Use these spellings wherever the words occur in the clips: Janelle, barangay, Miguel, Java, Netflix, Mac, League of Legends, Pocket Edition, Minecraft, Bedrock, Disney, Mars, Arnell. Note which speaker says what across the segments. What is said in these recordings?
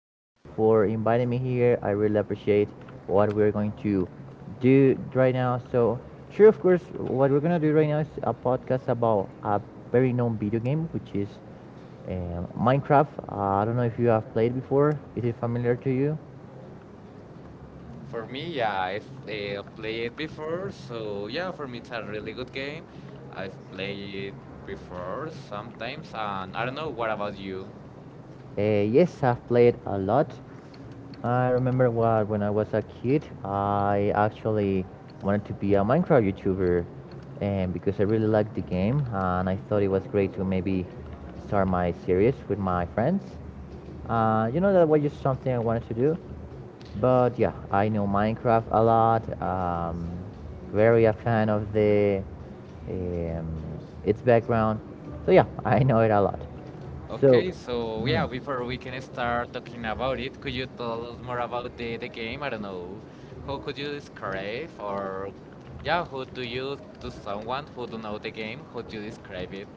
Speaker 1: thank you for inviting me here. I really appreciate what we're going to do right now. So, sure, of course, what we're gonna do right now is a podcast about a very known video game, which is Minecraft. I don't know if you have played before. Is it familiar to you?
Speaker 2: For me, yeah, I've played it before, so yeah, for me it's a really good game. I've played it before sometimes, and I don't know, what about you?
Speaker 1: Yes, I've played a lot. I remember what when I was a kid, I actually wanted to be a Minecraft YouTuber, and because I really liked the game, and I thought it was great to maybe start my series with my friends. That was just something I wanted to do. But yeah, I know Minecraft a lot. Very a fan of the um, its background. So yeah, I know it a lot. So,
Speaker 2: Okay, so yeah, before we can start talking about it, could you tell us more about the game? I don't know. How could you describe or yeah, how do you to someone who don't know the game, how do you describe it?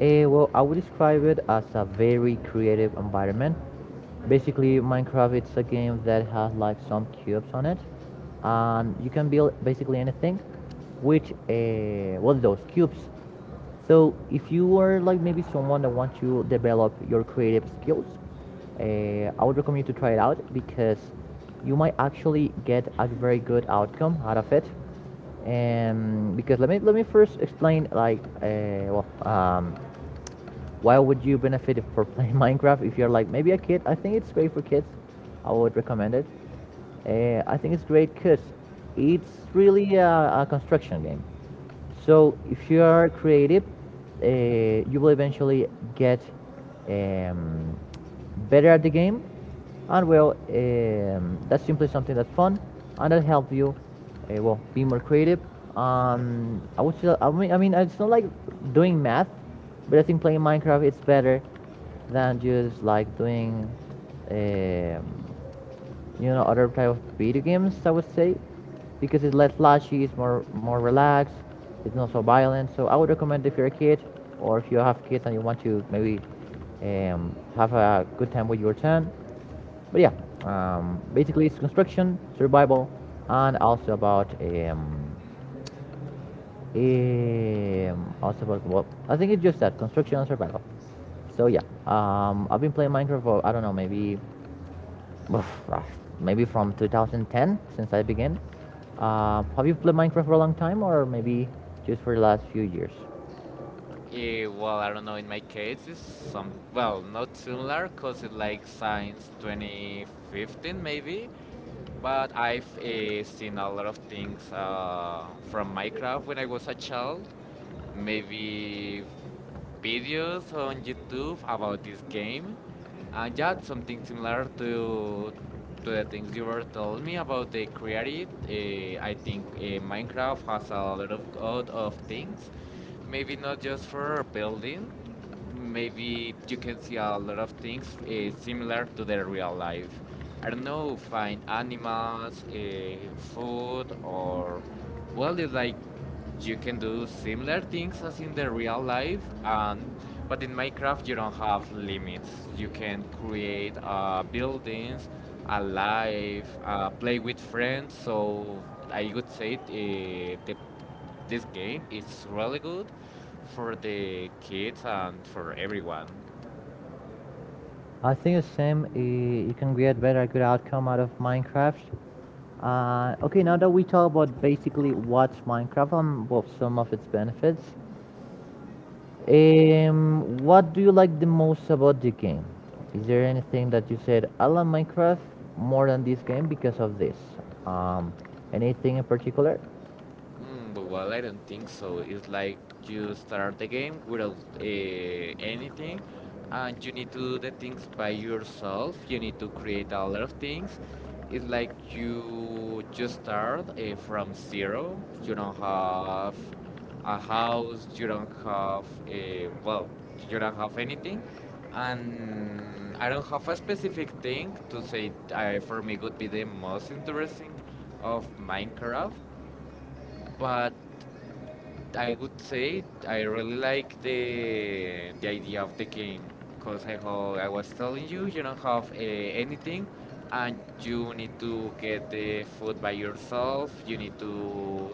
Speaker 1: well, I would describe it as a very creative environment. Basically, Minecraft it's a game that has like some cubes on it, and you can build basically anything. Which, well, those cubes. So if you are like maybe someone that wants to develop your creative skills, I would recommend you to try it out because you might actually get a very good outcome out of it. And because let me first explain like why would you benefit for playing Minecraft if you're like maybe a kid? I think it's great for kids. I would recommend it. I think it's great because it's really a construction game. So if you are creative, uh, you will eventually get um, better at the game, and well, that's simply something that's fun and that help you, well, be more creative. I would still, I mean, it's not like doing math, but I think playing Minecraft is better than just like doing um, other type of video games, I would say, because it's less flashy, it's more relaxed, it's not so violent. So I would recommend if you're a kid or if you have kids and you want to maybe have a good time with your son. But yeah, basically it's construction, survival, and also about also about, well, I think it's just that construction and survival. So yeah, I've been playing Minecraft for, I don't know, maybe from 2010 since I began. Have you played Minecraft for a long time, or maybe just for the last few years?
Speaker 2: Eh, well, I don't know, in my case it's some well, not similar cause it's like since 2015 maybe, but I've seen a lot of things from Minecraft when I was a child. Maybe videos on YouTube about this game, and yeah, something similar to the things you were telling me about the creative. I think Minecraft has a lot of things. Maybe not just for building. Maybe you can see a lot of things similar to the real life. I don't know, find animals, food, or well, it's like you can do similar things as in the real life and but in Minecraft you don't have limits. You can create buildings, a life, play with friends. So I would say this game is really good for the kids and for everyone.
Speaker 1: I think the same. You can get better good outcome out of Minecraft. Okay, now that we talk about basically what's Minecraft and, well, some of its benefits, what do you like the most about the game? Is there anything that you said I love Minecraft more than this game because of this? Um, Anything in particular?
Speaker 2: Mm, but well, I don't think so. It's like you start the game without anything, and you need to do the things by yourself. You need to create a lot of things. It's like you just start from zero. You don't have a house. You don't have a well. You don't have anything, and I don't have a specific thing to say. For me, would be the most interesting of Minecraft, but I would say I really like the idea of the game because I how I was telling you, you don't have anything, and you need to get the food by yourself. You need to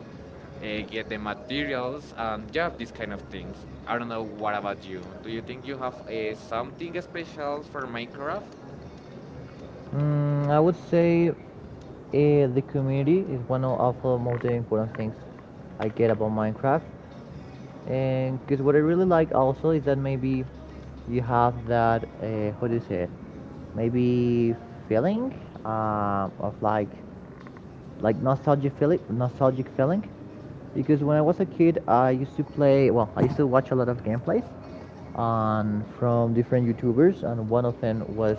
Speaker 2: uh, get the materials and yeah, these kind of things. I don't know, what about you? Do you think you have something special for Minecraft?
Speaker 1: Mm, I would say the community is one of the most important things I get about Minecraft. And because what I really like also is that maybe you have that, how do you say it? Maybe feeling of like nostalgic feeling, because when I was a kid, I used to play. Well, I used to watch a lot of gameplays, on from different YouTubers, and one of them was,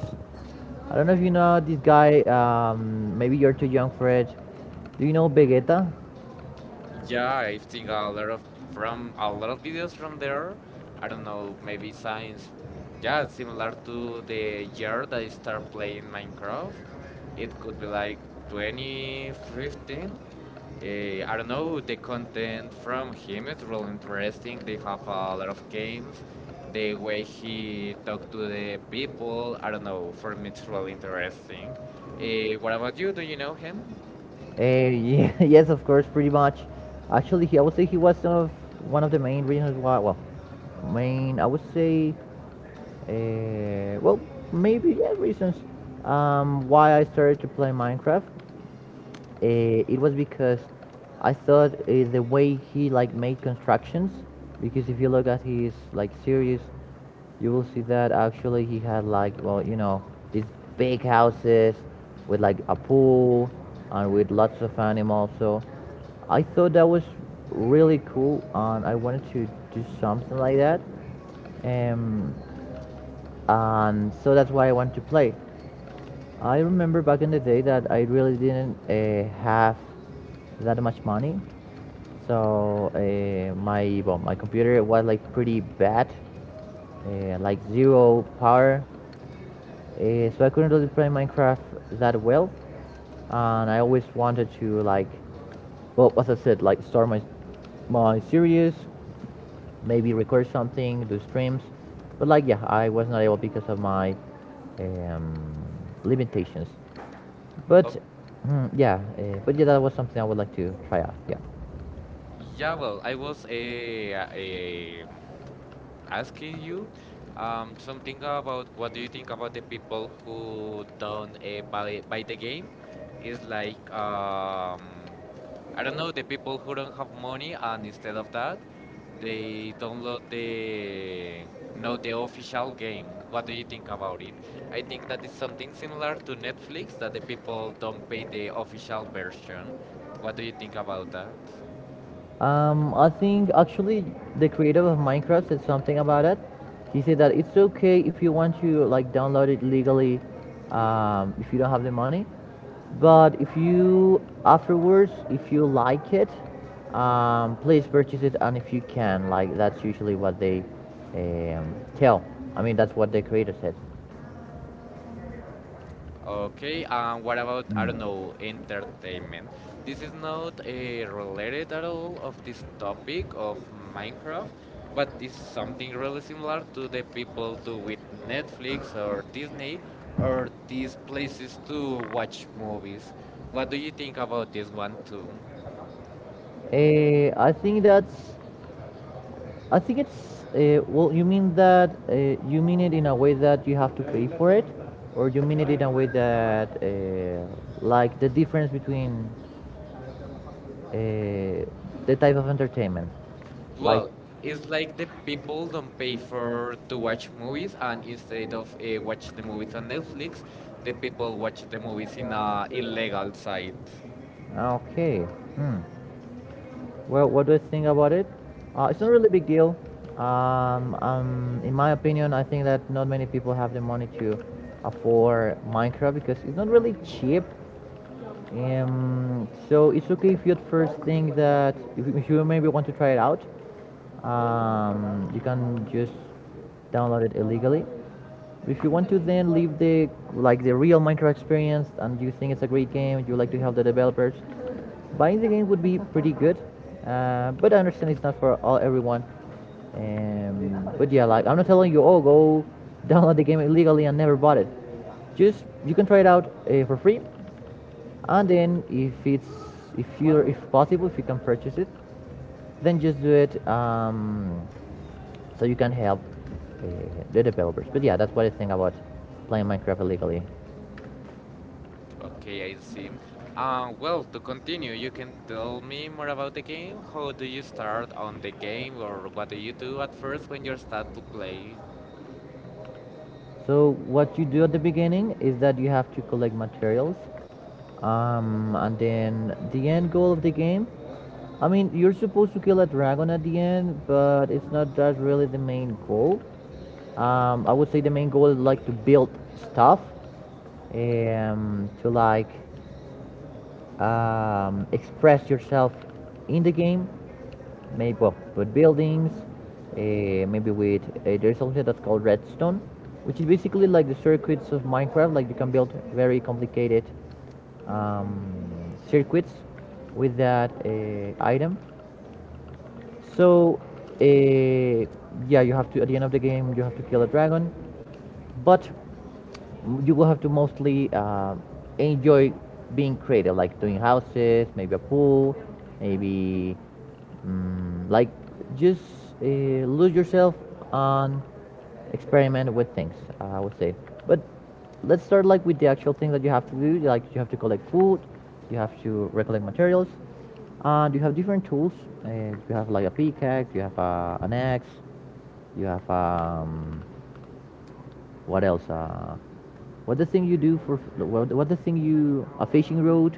Speaker 1: I don't know if you know this guy. Maybe you're too young for it. Do you know Vegeta?
Speaker 2: Yeah, I have seen a lot of from a lot of videos from there. I don't know, maybe science. Yeah, similar to the year that I start playing Minecraft. It could be like 2015. Uh, I don't know, the content from him is really interesting. They have a lot of games. The way he talked to the people, I don't know, for me it's really interesting. What about you? Do you know him?
Speaker 1: Yes, of course, pretty much. Actually, he I would say he was one of the main reasons why. Well, main I would say. Uh, well, Maybe, yeah, reasons why I started to play Minecraft. It was because I thought the way he like made constructions. Because if you look at his like series, you will see that actually he had like, well, you know, these big houses with like a pool and with lots of animals. So I thought that was really cool, and I wanted to do something like that. Um, and so that's why I want to play. I remember back in the day that I really didn't have that much money, so my, well, my computer was like pretty bad, like zero power, so I couldn't really play Minecraft that well, and I always wanted to like, well, as I said, like start my series, maybe record something, do streams. But like, yeah, I was not able because of my um, limitations. But yeah, but yeah, that was something I would like to try out. Yeah.
Speaker 2: Yeah, well, I was asking you something. About what do you think about the people who don't uh, buy the game? Is like I don't know, the people who don't have money, and instead of that they download the no the official game. What do you think about it? I think that is something similar to Netflix that the people don't pay the official version. What do you think about that?
Speaker 1: I think actually the creator of Minecraft said something about it. He said that it's okay if you want to like download it legally, if you don't have the money. But if you afterwards, if you like it, please purchase it, and if you can, like that's usually what they tell. I mean, that's what the creator said.
Speaker 2: Okay, and what about, I don't
Speaker 1: Mm.
Speaker 2: know, entertainment? This is not related at all of this topic of Minecraft, but it's something really similar to the people do with Netflix or Disney or these places to watch movies. What do you think about this one too?
Speaker 1: I think that's I think it's well. You mean that you mean it in a way that you have to pay for it, or you mean it in a way that like the difference between uh, the type of entertainment, like
Speaker 2: Well, it's like the people don't pay for to watch movies, and instead of watch the movies on Netflix, the people watch the movies in a illegal site.
Speaker 1: okay, hmm. Well, what do I think about it? It's not really a big deal. In my opinion, I think that not many people have the money to afford Minecraft because it's not really cheap. So it's okay if you at first think that if you maybe want to try it out, you can just download it illegally. If you want to then leave the like the real Minecraft experience and you think it's a great game, you like to help the developers, buying the game would be pretty good. But I understand it's not for all everyone. But yeah, like I'm not telling you, oh, go download the game illegally and never bought it. Just you can try it out for free, and then if it's, if you're, if possible, if you can purchase it, then just do it, so you can help uh, the developers. But yeah, that's what I think about playing Minecraft illegally.
Speaker 2: Okay, I see. Well, to continue, you can tell me more about the game. How do you start on the game, or what do you do at first when you start to play?
Speaker 1: So what you do at the beginning is that you have to collect materials, and then the end goal of the game. I mean, you're supposed to kill a dragon at the end, but it's not that really the main goal. I would say the main goal is like to build stuff, to like express yourself in the game. Maybe, well, but buildings. Maybe with there's something that's called redstone, which is basically like the circuits of Minecraft. Like you can build very complicated circuits with that item. So uh, yeah, you have to at the end of the game you have to kill a dragon, but you will have to mostly enjoy being creative, like doing houses, maybe a pool, maybe like just lose yourself and experiment with things. I would say, but let's start like with the actual thing that you have to do. Like you have to collect food, you have to recollect materials, and you have different tools. Uh, you have like a pickaxe, you have an axe, you have what else? What the thing you do for? What the thing you a fishing rod?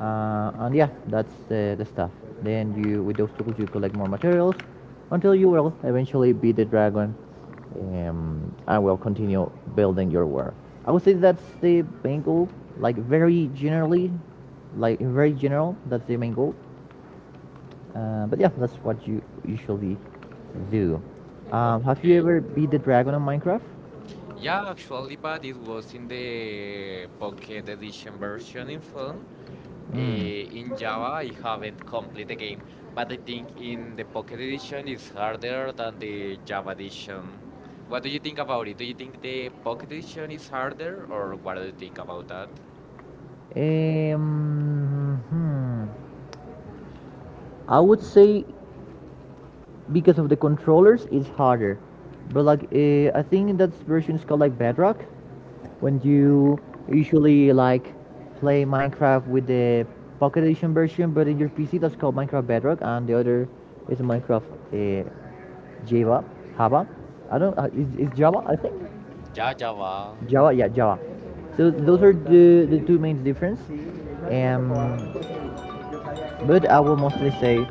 Speaker 1: And yeah, that's the stuff. Then you with those tools you collect more materials until you will eventually beat the dragon. And will continue building your war. I would say that's the main goal. Like very generally, like very general, that's the main goal. But yeah, that's what you usually do. Have you
Speaker 2: Okay.
Speaker 1: ever beat the dragon on Minecraft?
Speaker 2: Yeah, actually, but it was in the Pocket Edition version in phone.
Speaker 1: Mm.
Speaker 2: Eh, in Java, I haven't complete the game, but I think in the Pocket Edition is harder than the Java Edition. What do you think about it? Do you think the Pocket Edition is harder, or what do you think about that?
Speaker 1: Um, hmm. I would say because of the controllers, it's harder. But like, I think that version is called like Bedrock, when you usually like play Minecraft with the Pocket Edition version, but in your PC that's called Minecraft Bedrock, and the other is Minecraft uh, Java, Java. I don't. Is Java? I think
Speaker 2: Yeah, Java.
Speaker 1: Java. Yeah, Java. So those are the two main difference. Um, But I will mostly say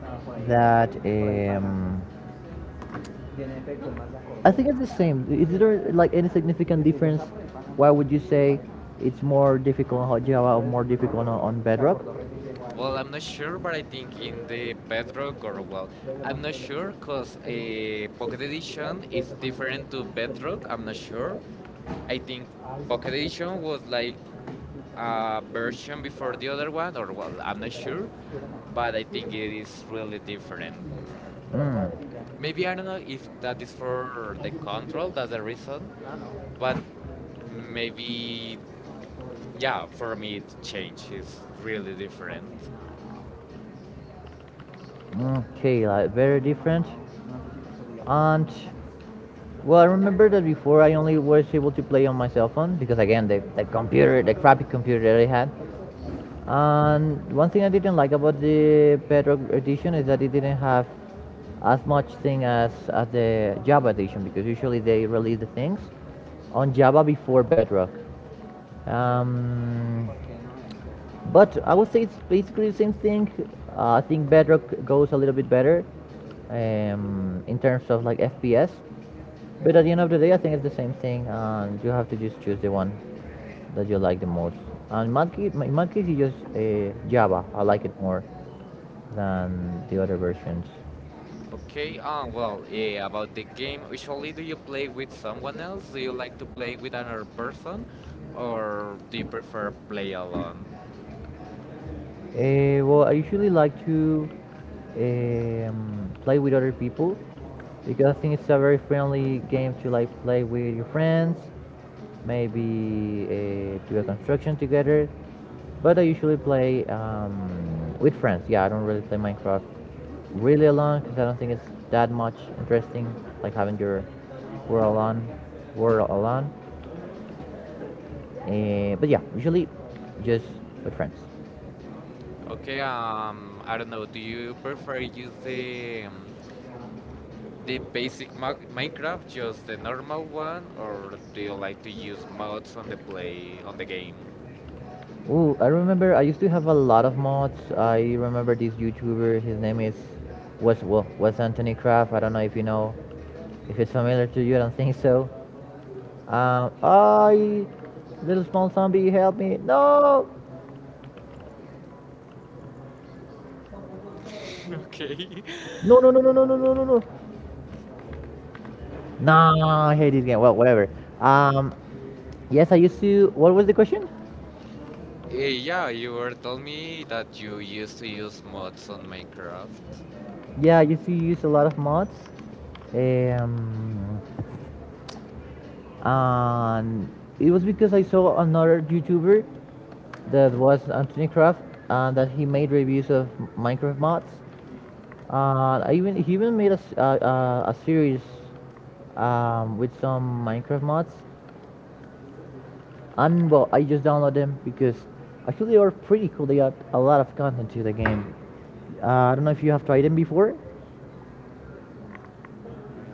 Speaker 1: that I think it's the same. Is there like any significant difference? Why would you say it's more difficult on Hot Java or more difficult on Bedrock?
Speaker 2: Well, I'm not sure, but I think in the Bedrock or well, I'm not sure because a Pocket Edition is different to Bedrock. I'm not sure. I think Pocket Edition was like a version before the other one, or well, I'm not sure, but I think it is really different.
Speaker 1: Mm.
Speaker 2: Maybe I don't know if that is for the control. That's the reason, but maybe yeah, for me it changed. It's really different.
Speaker 1: Okay, like very different. And well, I remember that before I only was able to play on my cell phone because again the computer, the crappy computer that I had, and one thing I didn't like about the Bedrock edition is that it didn't have as much thing as the Java edition because usually they release the things on Java before Bedrock. Um, but I would say it's basically the same thing. I think Bedrock goes a little bit better in terms of like FPS. But at the end of the day, I think it's the same thing, and you have to just choose the one that you like the most. And in my case it's just Java. I like it more than the other versions.
Speaker 2: Okay, well, eh, about the game, usually do you play with someone else? Do you like to play with another person? Or do you prefer play alone?
Speaker 1: Well, I usually like to play with other people because I think it's a very friendly game to like play with your friends, maybe do a construction together. But I usually play with friends. Yeah, I don't really play Minecraft really alone because I don't think it's that much interesting, like having your world alone, world alone. But yeah, usually just with friends.
Speaker 2: Okay, I don't know, do you prefer use the basic Mac Minecraft, just the normal one? Or do you like to use mods on the play, on the game?
Speaker 1: Ooh, I remember I used to have a lot of mods. I remember this YouTuber. His name is was well, was Anthony Craft. I don't know if you know, if it's familiar to you. I don't think so. I little small zombie, help me! No,
Speaker 2: Okay.
Speaker 1: no, no, no, no, no, no, no, no, no. Nah, I hate this game. Well, whatever. Um, yes, I used to. What was the question?
Speaker 2: Eh, yeah, you were telling me that you used to use mods on Minecraft.
Speaker 1: Yeah, I used to use a lot of mods. Um, and it was because I saw another YouTuber that was Anthony Kraft, and that he made reviews of Minecraft mods. I even he even made a series with some Minecraft mods, and well, I just download them because actually they are pretty cool. They add a lot of content to the game. I don't know if you have tried them before.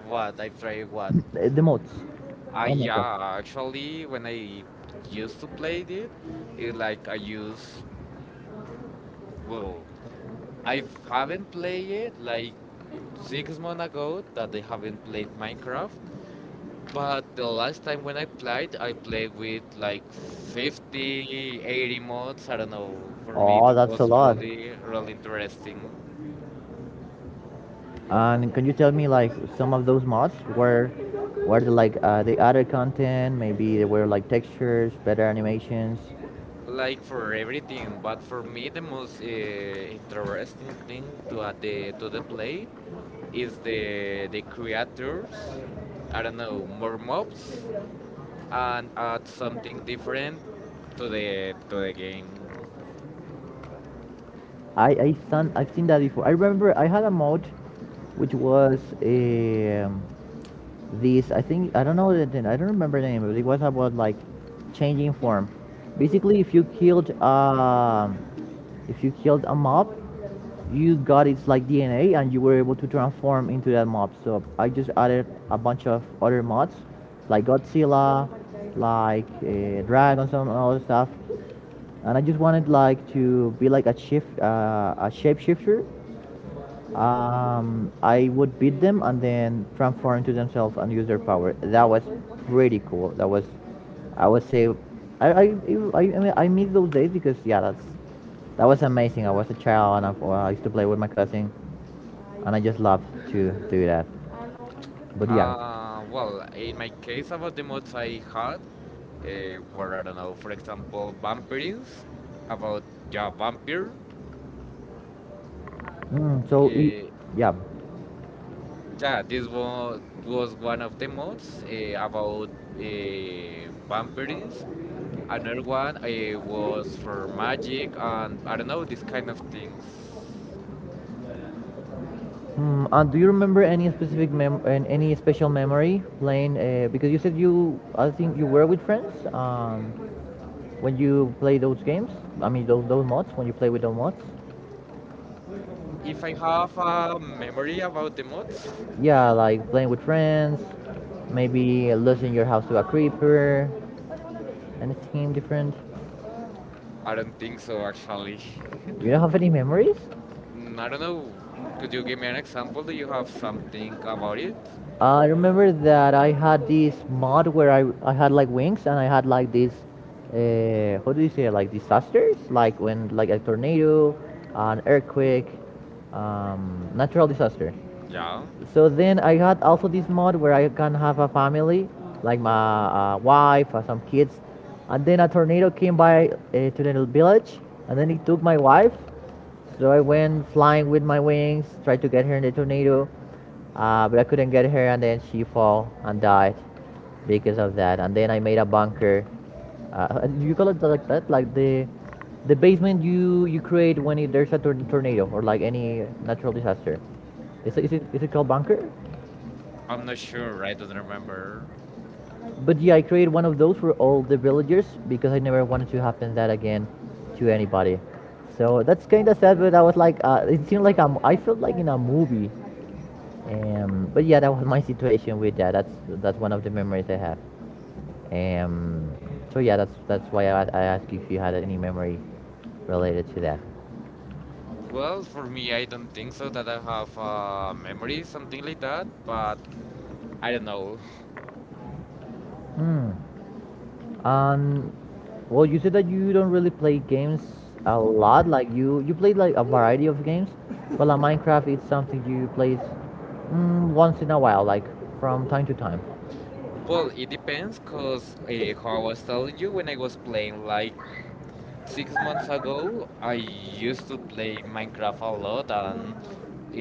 Speaker 2: What? I try what?
Speaker 1: The mods.
Speaker 2: I
Speaker 1: Oh my god.
Speaker 2: yeah, actually, when I used to play it, it like I use well, I haven't played it like 6 months ago that I haven't played Minecraft. But the last time when I played with like 50, 80 mods. I don't know. For me,
Speaker 1: Oh,
Speaker 2: it
Speaker 1: that's a
Speaker 2: was
Speaker 1: lot.
Speaker 2: really, really interesting.
Speaker 1: And can you tell me like some of those mods were, like the other content? Maybe there were like textures, better animations.
Speaker 2: Like for everything, but for me the most interesting thing to add to the play is the creators. I don't know, more mobs and add something different to the game.
Speaker 1: I've seen that before. I remember I had a mod which was a these, I think I don't know I don't remember the name, but it was about like changing form. Basically, if you killed a mob, you got its like DNA and you were able to transform into that mob. So I just added a bunch of other mods, like Godzilla, like dragons and all that stuff. And I just wanted like to be like a shapeshifter. I would beat them and then transform into themselves and use their power. That was pretty cool. That was, I would say, I mean, I miss those days because yeah, that was amazing. I was a child and I used to play with my cousin, and I just loved to do that. But yeah,
Speaker 2: Well, in my case about the mods I had were, I don't know, for example, vampires about yeah vampire.
Speaker 1: mm, so it,
Speaker 2: Uh,
Speaker 1: yeah.
Speaker 2: Yeah, this was one of the mods about vampires. Another one was for magic and I don't know these kind of things.
Speaker 1: Mm, and do you remember any specific mem and any special memory playing? Because you said you, I think you were with friends. When you play those games, I mean those mods, when you play with those mods,
Speaker 2: If I have a memory about the mods,
Speaker 1: yeah, like playing with friends, maybe losing your house to a creeper, anything different.
Speaker 2: I don't think so actually.
Speaker 1: You don't have any memories?
Speaker 2: Mm, I don't know. Could you give me an example? Do you have something about it?
Speaker 1: I remember that I had this mod where I had like wings and I had like this, how do you say it? Like disasters, like when like a tornado, an earthquake, natural disasters.
Speaker 2: Yeah,
Speaker 1: So then I had also this mod where I can have a family, like my wife or some kids. And then a tornado came by to the village, and then it took my wife, so I went flying with my wings, tried to get her in the tornado, but I couldn't get her, and then she fell and died because of that. And then I made a bunker. You call it like that, like the basement you you create when it, there's a tornado or like any natural disaster. Is it, is it called bunker?
Speaker 2: I'm not sure. I don't remember.
Speaker 1: But yeah, I created one of those for all the villagers because I never wanted to happen that again to anybody. So that's kind of sad, but I was like, it seemed like I'm, I felt like in a movie. But yeah, that was my situation with that. That's one of the memories I have. Um, so yeah, that's why I asked you if you had any memory related to that.
Speaker 2: Well, for me, I don't think so that I have a memory, something like that, but I don't know.
Speaker 1: Hmm. Um. Well, you said that you don't really play games a lot. Like you played like a variety of games, but like Minecraft is something you play once in a while, like from time to time.
Speaker 2: Well, it depends, cause how I was telling you, when I was playing like 6 months ago, I used to play Minecraft a lot, and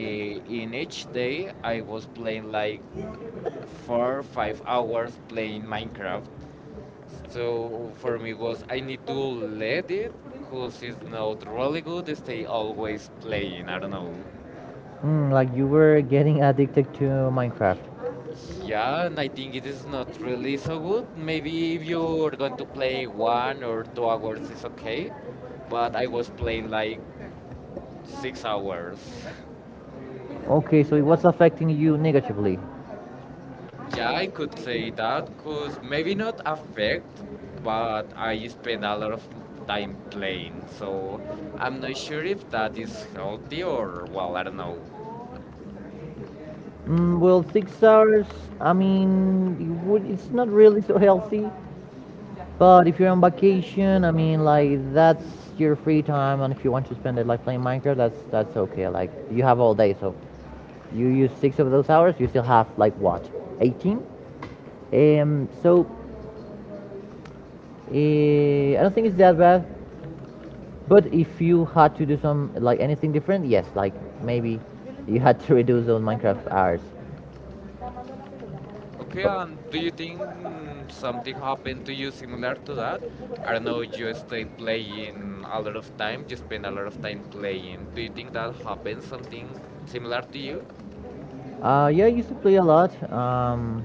Speaker 2: eh, in each day I was playing like 4, or 5 hours playing Minecraft. So for me was I need to let it, cause it's not really good. Stay always playing. I don't know.
Speaker 1: Mm, like you were getting addicted to Minecraft.
Speaker 2: Yeah, and I think it is not really so good. Maybe if you are going to play 1 or 2 hours, it's okay. But I was playing like 6 hours.
Speaker 1: Okay, so it was affecting you negatively.
Speaker 2: Yeah, I could say that, cause maybe not affect, but I spend a lot of time playing. So I'm not sure if that is healthy or well, I don't know.
Speaker 1: Mm, well, six hours, I mean, it's not really so healthy. But if you're on vacation, I mean, like that's your free time, and if you want to spend it like playing Minecraft, that's okay. Like you have all day, so you use six of those hours, you still have like what, 18? So I don't think it's that bad. But if you had to do some like anything different, yes, like maybe you had to reduce those Minecraft hours.
Speaker 2: Okay, and do you think mm, something happened to you similar to that? I don't know, you stay playing a lot of time, you spend a lot of time playing. Do you think that happened something similar to you?
Speaker 1: Yeah, I used to play a lot.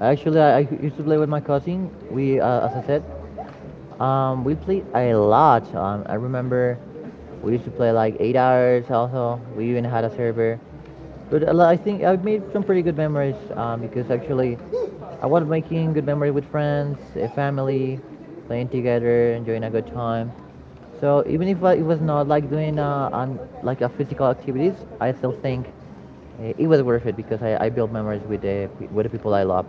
Speaker 1: Actually, I used to play with my cousin. As I said, we played a lot. I remember we used to play like eight hours. Also, we even had a server. But I think I've made some pretty good memories because actually, I was making good memory with friends, eh, family, playing together, enjoying a good time. So even if I, it was not like doing like a physical activities, I still think it was worth it because I built memories with the people I love.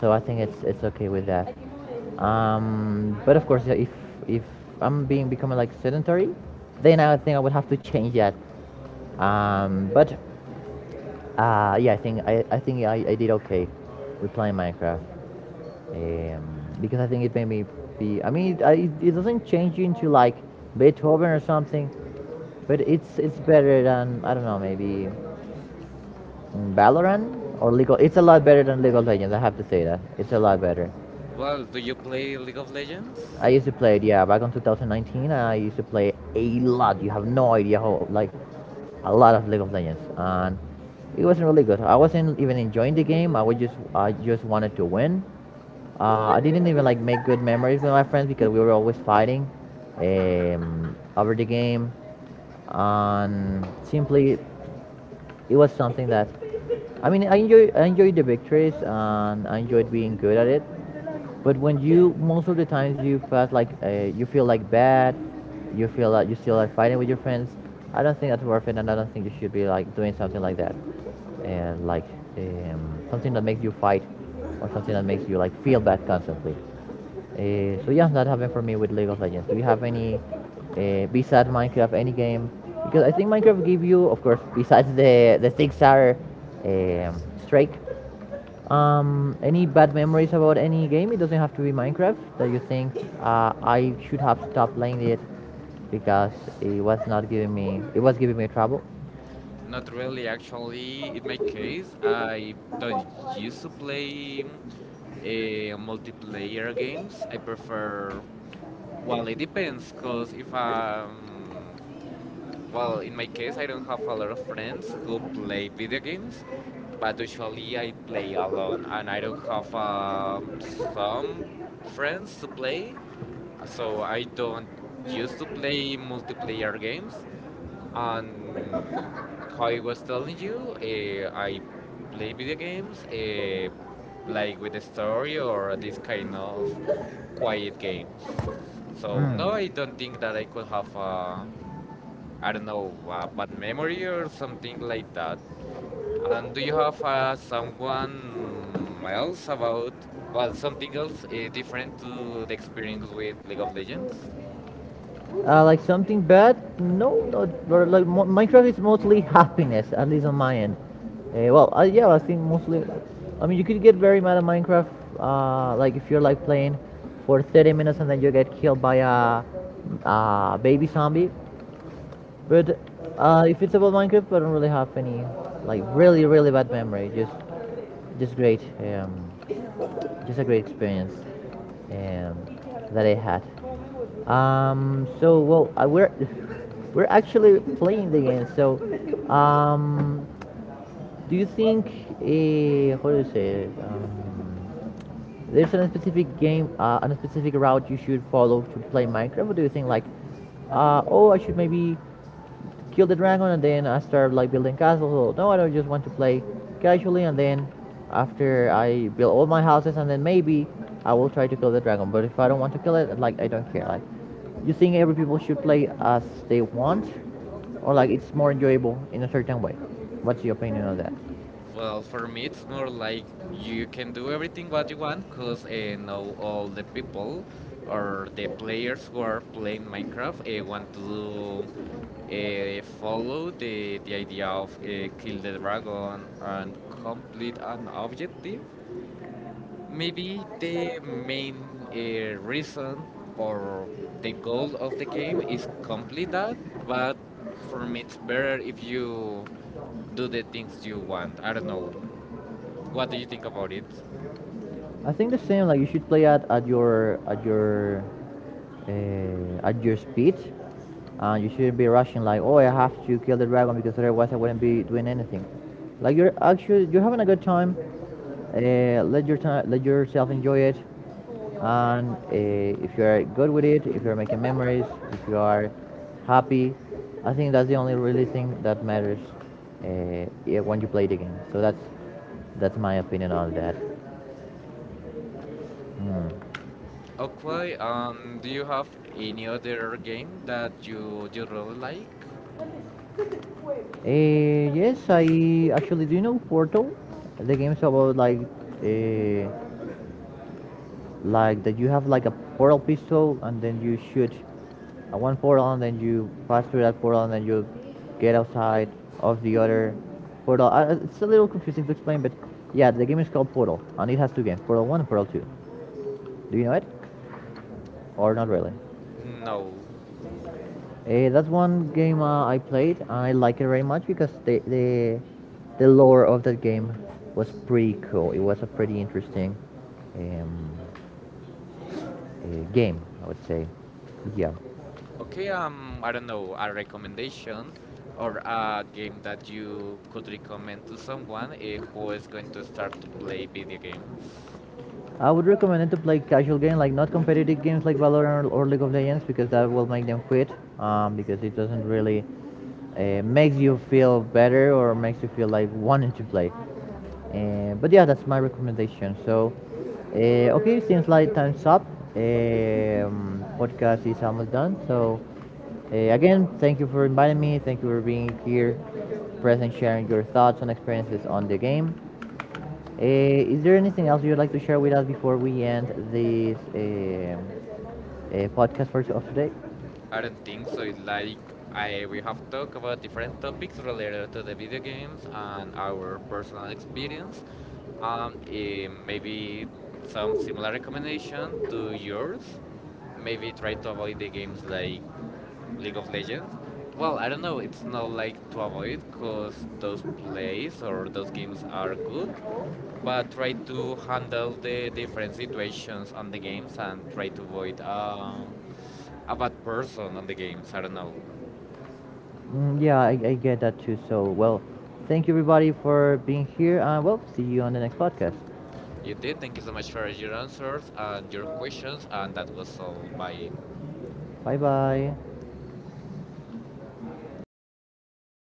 Speaker 1: So I think it's okay with that. But of course, yeah, if I'm being becoming like sedentary, then I think I would have to change that. But yeah, I did okay with playing Minecraft um, because I think it made me be. I mean, it doesn't change you into like Beethoven or something, but it's better than I don't know maybe Valorant or League. Of, it's a lot better than League of Legends. I have to say that it's a lot better.
Speaker 2: Well, do you play League of Legends?
Speaker 1: I used to play it, yeah, back in 2019. I used to play a lot. You have no idea how, like, a lot of League of Legends, and it wasn't really good. I wasn't even enjoying the game. I just wanted to win. I didn't even like make good memories with my friends because we were always fighting over the game, and simply it was something that I mean I enjoyed the victories and I enjoyed being good at it. But when you most of the times you pass like you feel like bad, you feel that you still like fighting with your friends. I don't think that's worth it, and I don't think you should be like doing something like that, and like something that makes you fight or something that makes you like feel bad constantly. So yeah, that happened for me with League of Legends. Do you have any besides Minecraft, any game? Because I think Minecraft give you, of course, besides the six hour um, strike, any bad memories about any game? It doesn't have to be Minecraft that you think I should have stopped playing it because it was not giving me it was giving me trouble.
Speaker 2: Not really, actually. In my case, I don't used to play multiplayer games. I prefer, well, it depends, because if I'm well, in my case, I don't have a lot of friends who play video games, but usually I play alone, and I don't have some friends to play, so I don't used to play multiplayer games. And how I was telling you, I play video games, like with the story or this kind of quiet games. So
Speaker 1: Mm.
Speaker 2: no, I don't think that I could have a I don't know, bad memory or something like that. And do you have someone else about, well, something else different to the experience with League of Legends?
Speaker 1: Like something bad? No, not, like Minecraft is mostly happiness, at least on my end. Yeah, I think mostly. I mean, you could get very mad at Minecraft, like if you're like playing for 30 minutes and then you get killed by a baby zombie. But if it's about Minecraft, I don't really have any like really bad memory. Just great. Just a great experience um, that I had. So well, I, we're we're actually playing the game. So, um, do you think a how do you say it? There's a specific game, a specific route you should follow to play Minecraft, or do you think like, oh, I should maybe kill the dragon and then I start like building castles. So no, I don't just want to play casually and then after I build all my houses and then maybe I will try to kill the dragon. But if I don't want to kill it, like I don't care. Like you think every people should play as they want, or like it's more enjoyable in a certain way. What's your opinion on that?
Speaker 2: Well, for me, it's more like you can do everything what you want because know all the people or the players who are playing Minecraft want to follow the idea of kill the dragon and complete an objective. Maybe the main reason or the goal of the game is complete that, but for me it's better if you do the things you want. I don't know. What do you think about it?
Speaker 1: I think the same. Like you should play at your speed, and you shouldn't be rushing. Like, oh, I have to kill the dragon because otherwise I wouldn't be doing anything. Like you're having a good time. Let your time let yourself enjoy it, and if you're good with it, if you're making memories, if you are happy, I think that's the only really thing that matters yeah, when you play the game. So that's my opinion on that. Mm.
Speaker 2: Okay, do you have any other game that you really like?
Speaker 1: Yes, I actually do you know Portal? The game's about uh, like that you have like a portal pistol and then you shoot at one portal and then you pass through that portal and then you get outside of the other portal. It's a little confusing to explain, but yeah, the game is called Portal and it has two games, Portal One and Portal Two. Do you know it? Or not really?
Speaker 2: No.
Speaker 1: Eh, that's one game I played, and I like it very much because the lore of that game was pretty cool. It was a pretty interesting um, game, I would say. Yeah.
Speaker 2: Okay, I don't know, a recommendation or a game that you could recommend to someone eh, who is going to start to play video games?
Speaker 1: I would recommend it to play casual games, like not competitive games like Valorant or League of Legends, because that will make them quit. Because it doesn't really makes you feel better or makes you feel like wanting to play. But yeah, that's my recommendation. So, okay, since like time's up, podcast is almost done. So, again, thank you for inviting me. Thank you for being here, present, sharing your thoughts and experiences on the game. Uh, is there anything else you'd like to share with us before we end this podcast for of today?
Speaker 2: I don't think so. It's like I we have talked about different topics related to the video games and our personal experience. Maybe some similar recommendation to yours. Maybe try to avoid the games like League of Legends. Well, I don't know. It's not like to avoid because those plays or those games are good, but try to handle the different situations on the games and try to avoid a bad person on the games. I don't know.
Speaker 1: Mm, yeah, I get that too. So, well, thank you everybody for being here, and well, see you on the next podcast.
Speaker 2: You did. Thank you so much for your answers and your questions. And that was all. Bye.
Speaker 1: Bye bye.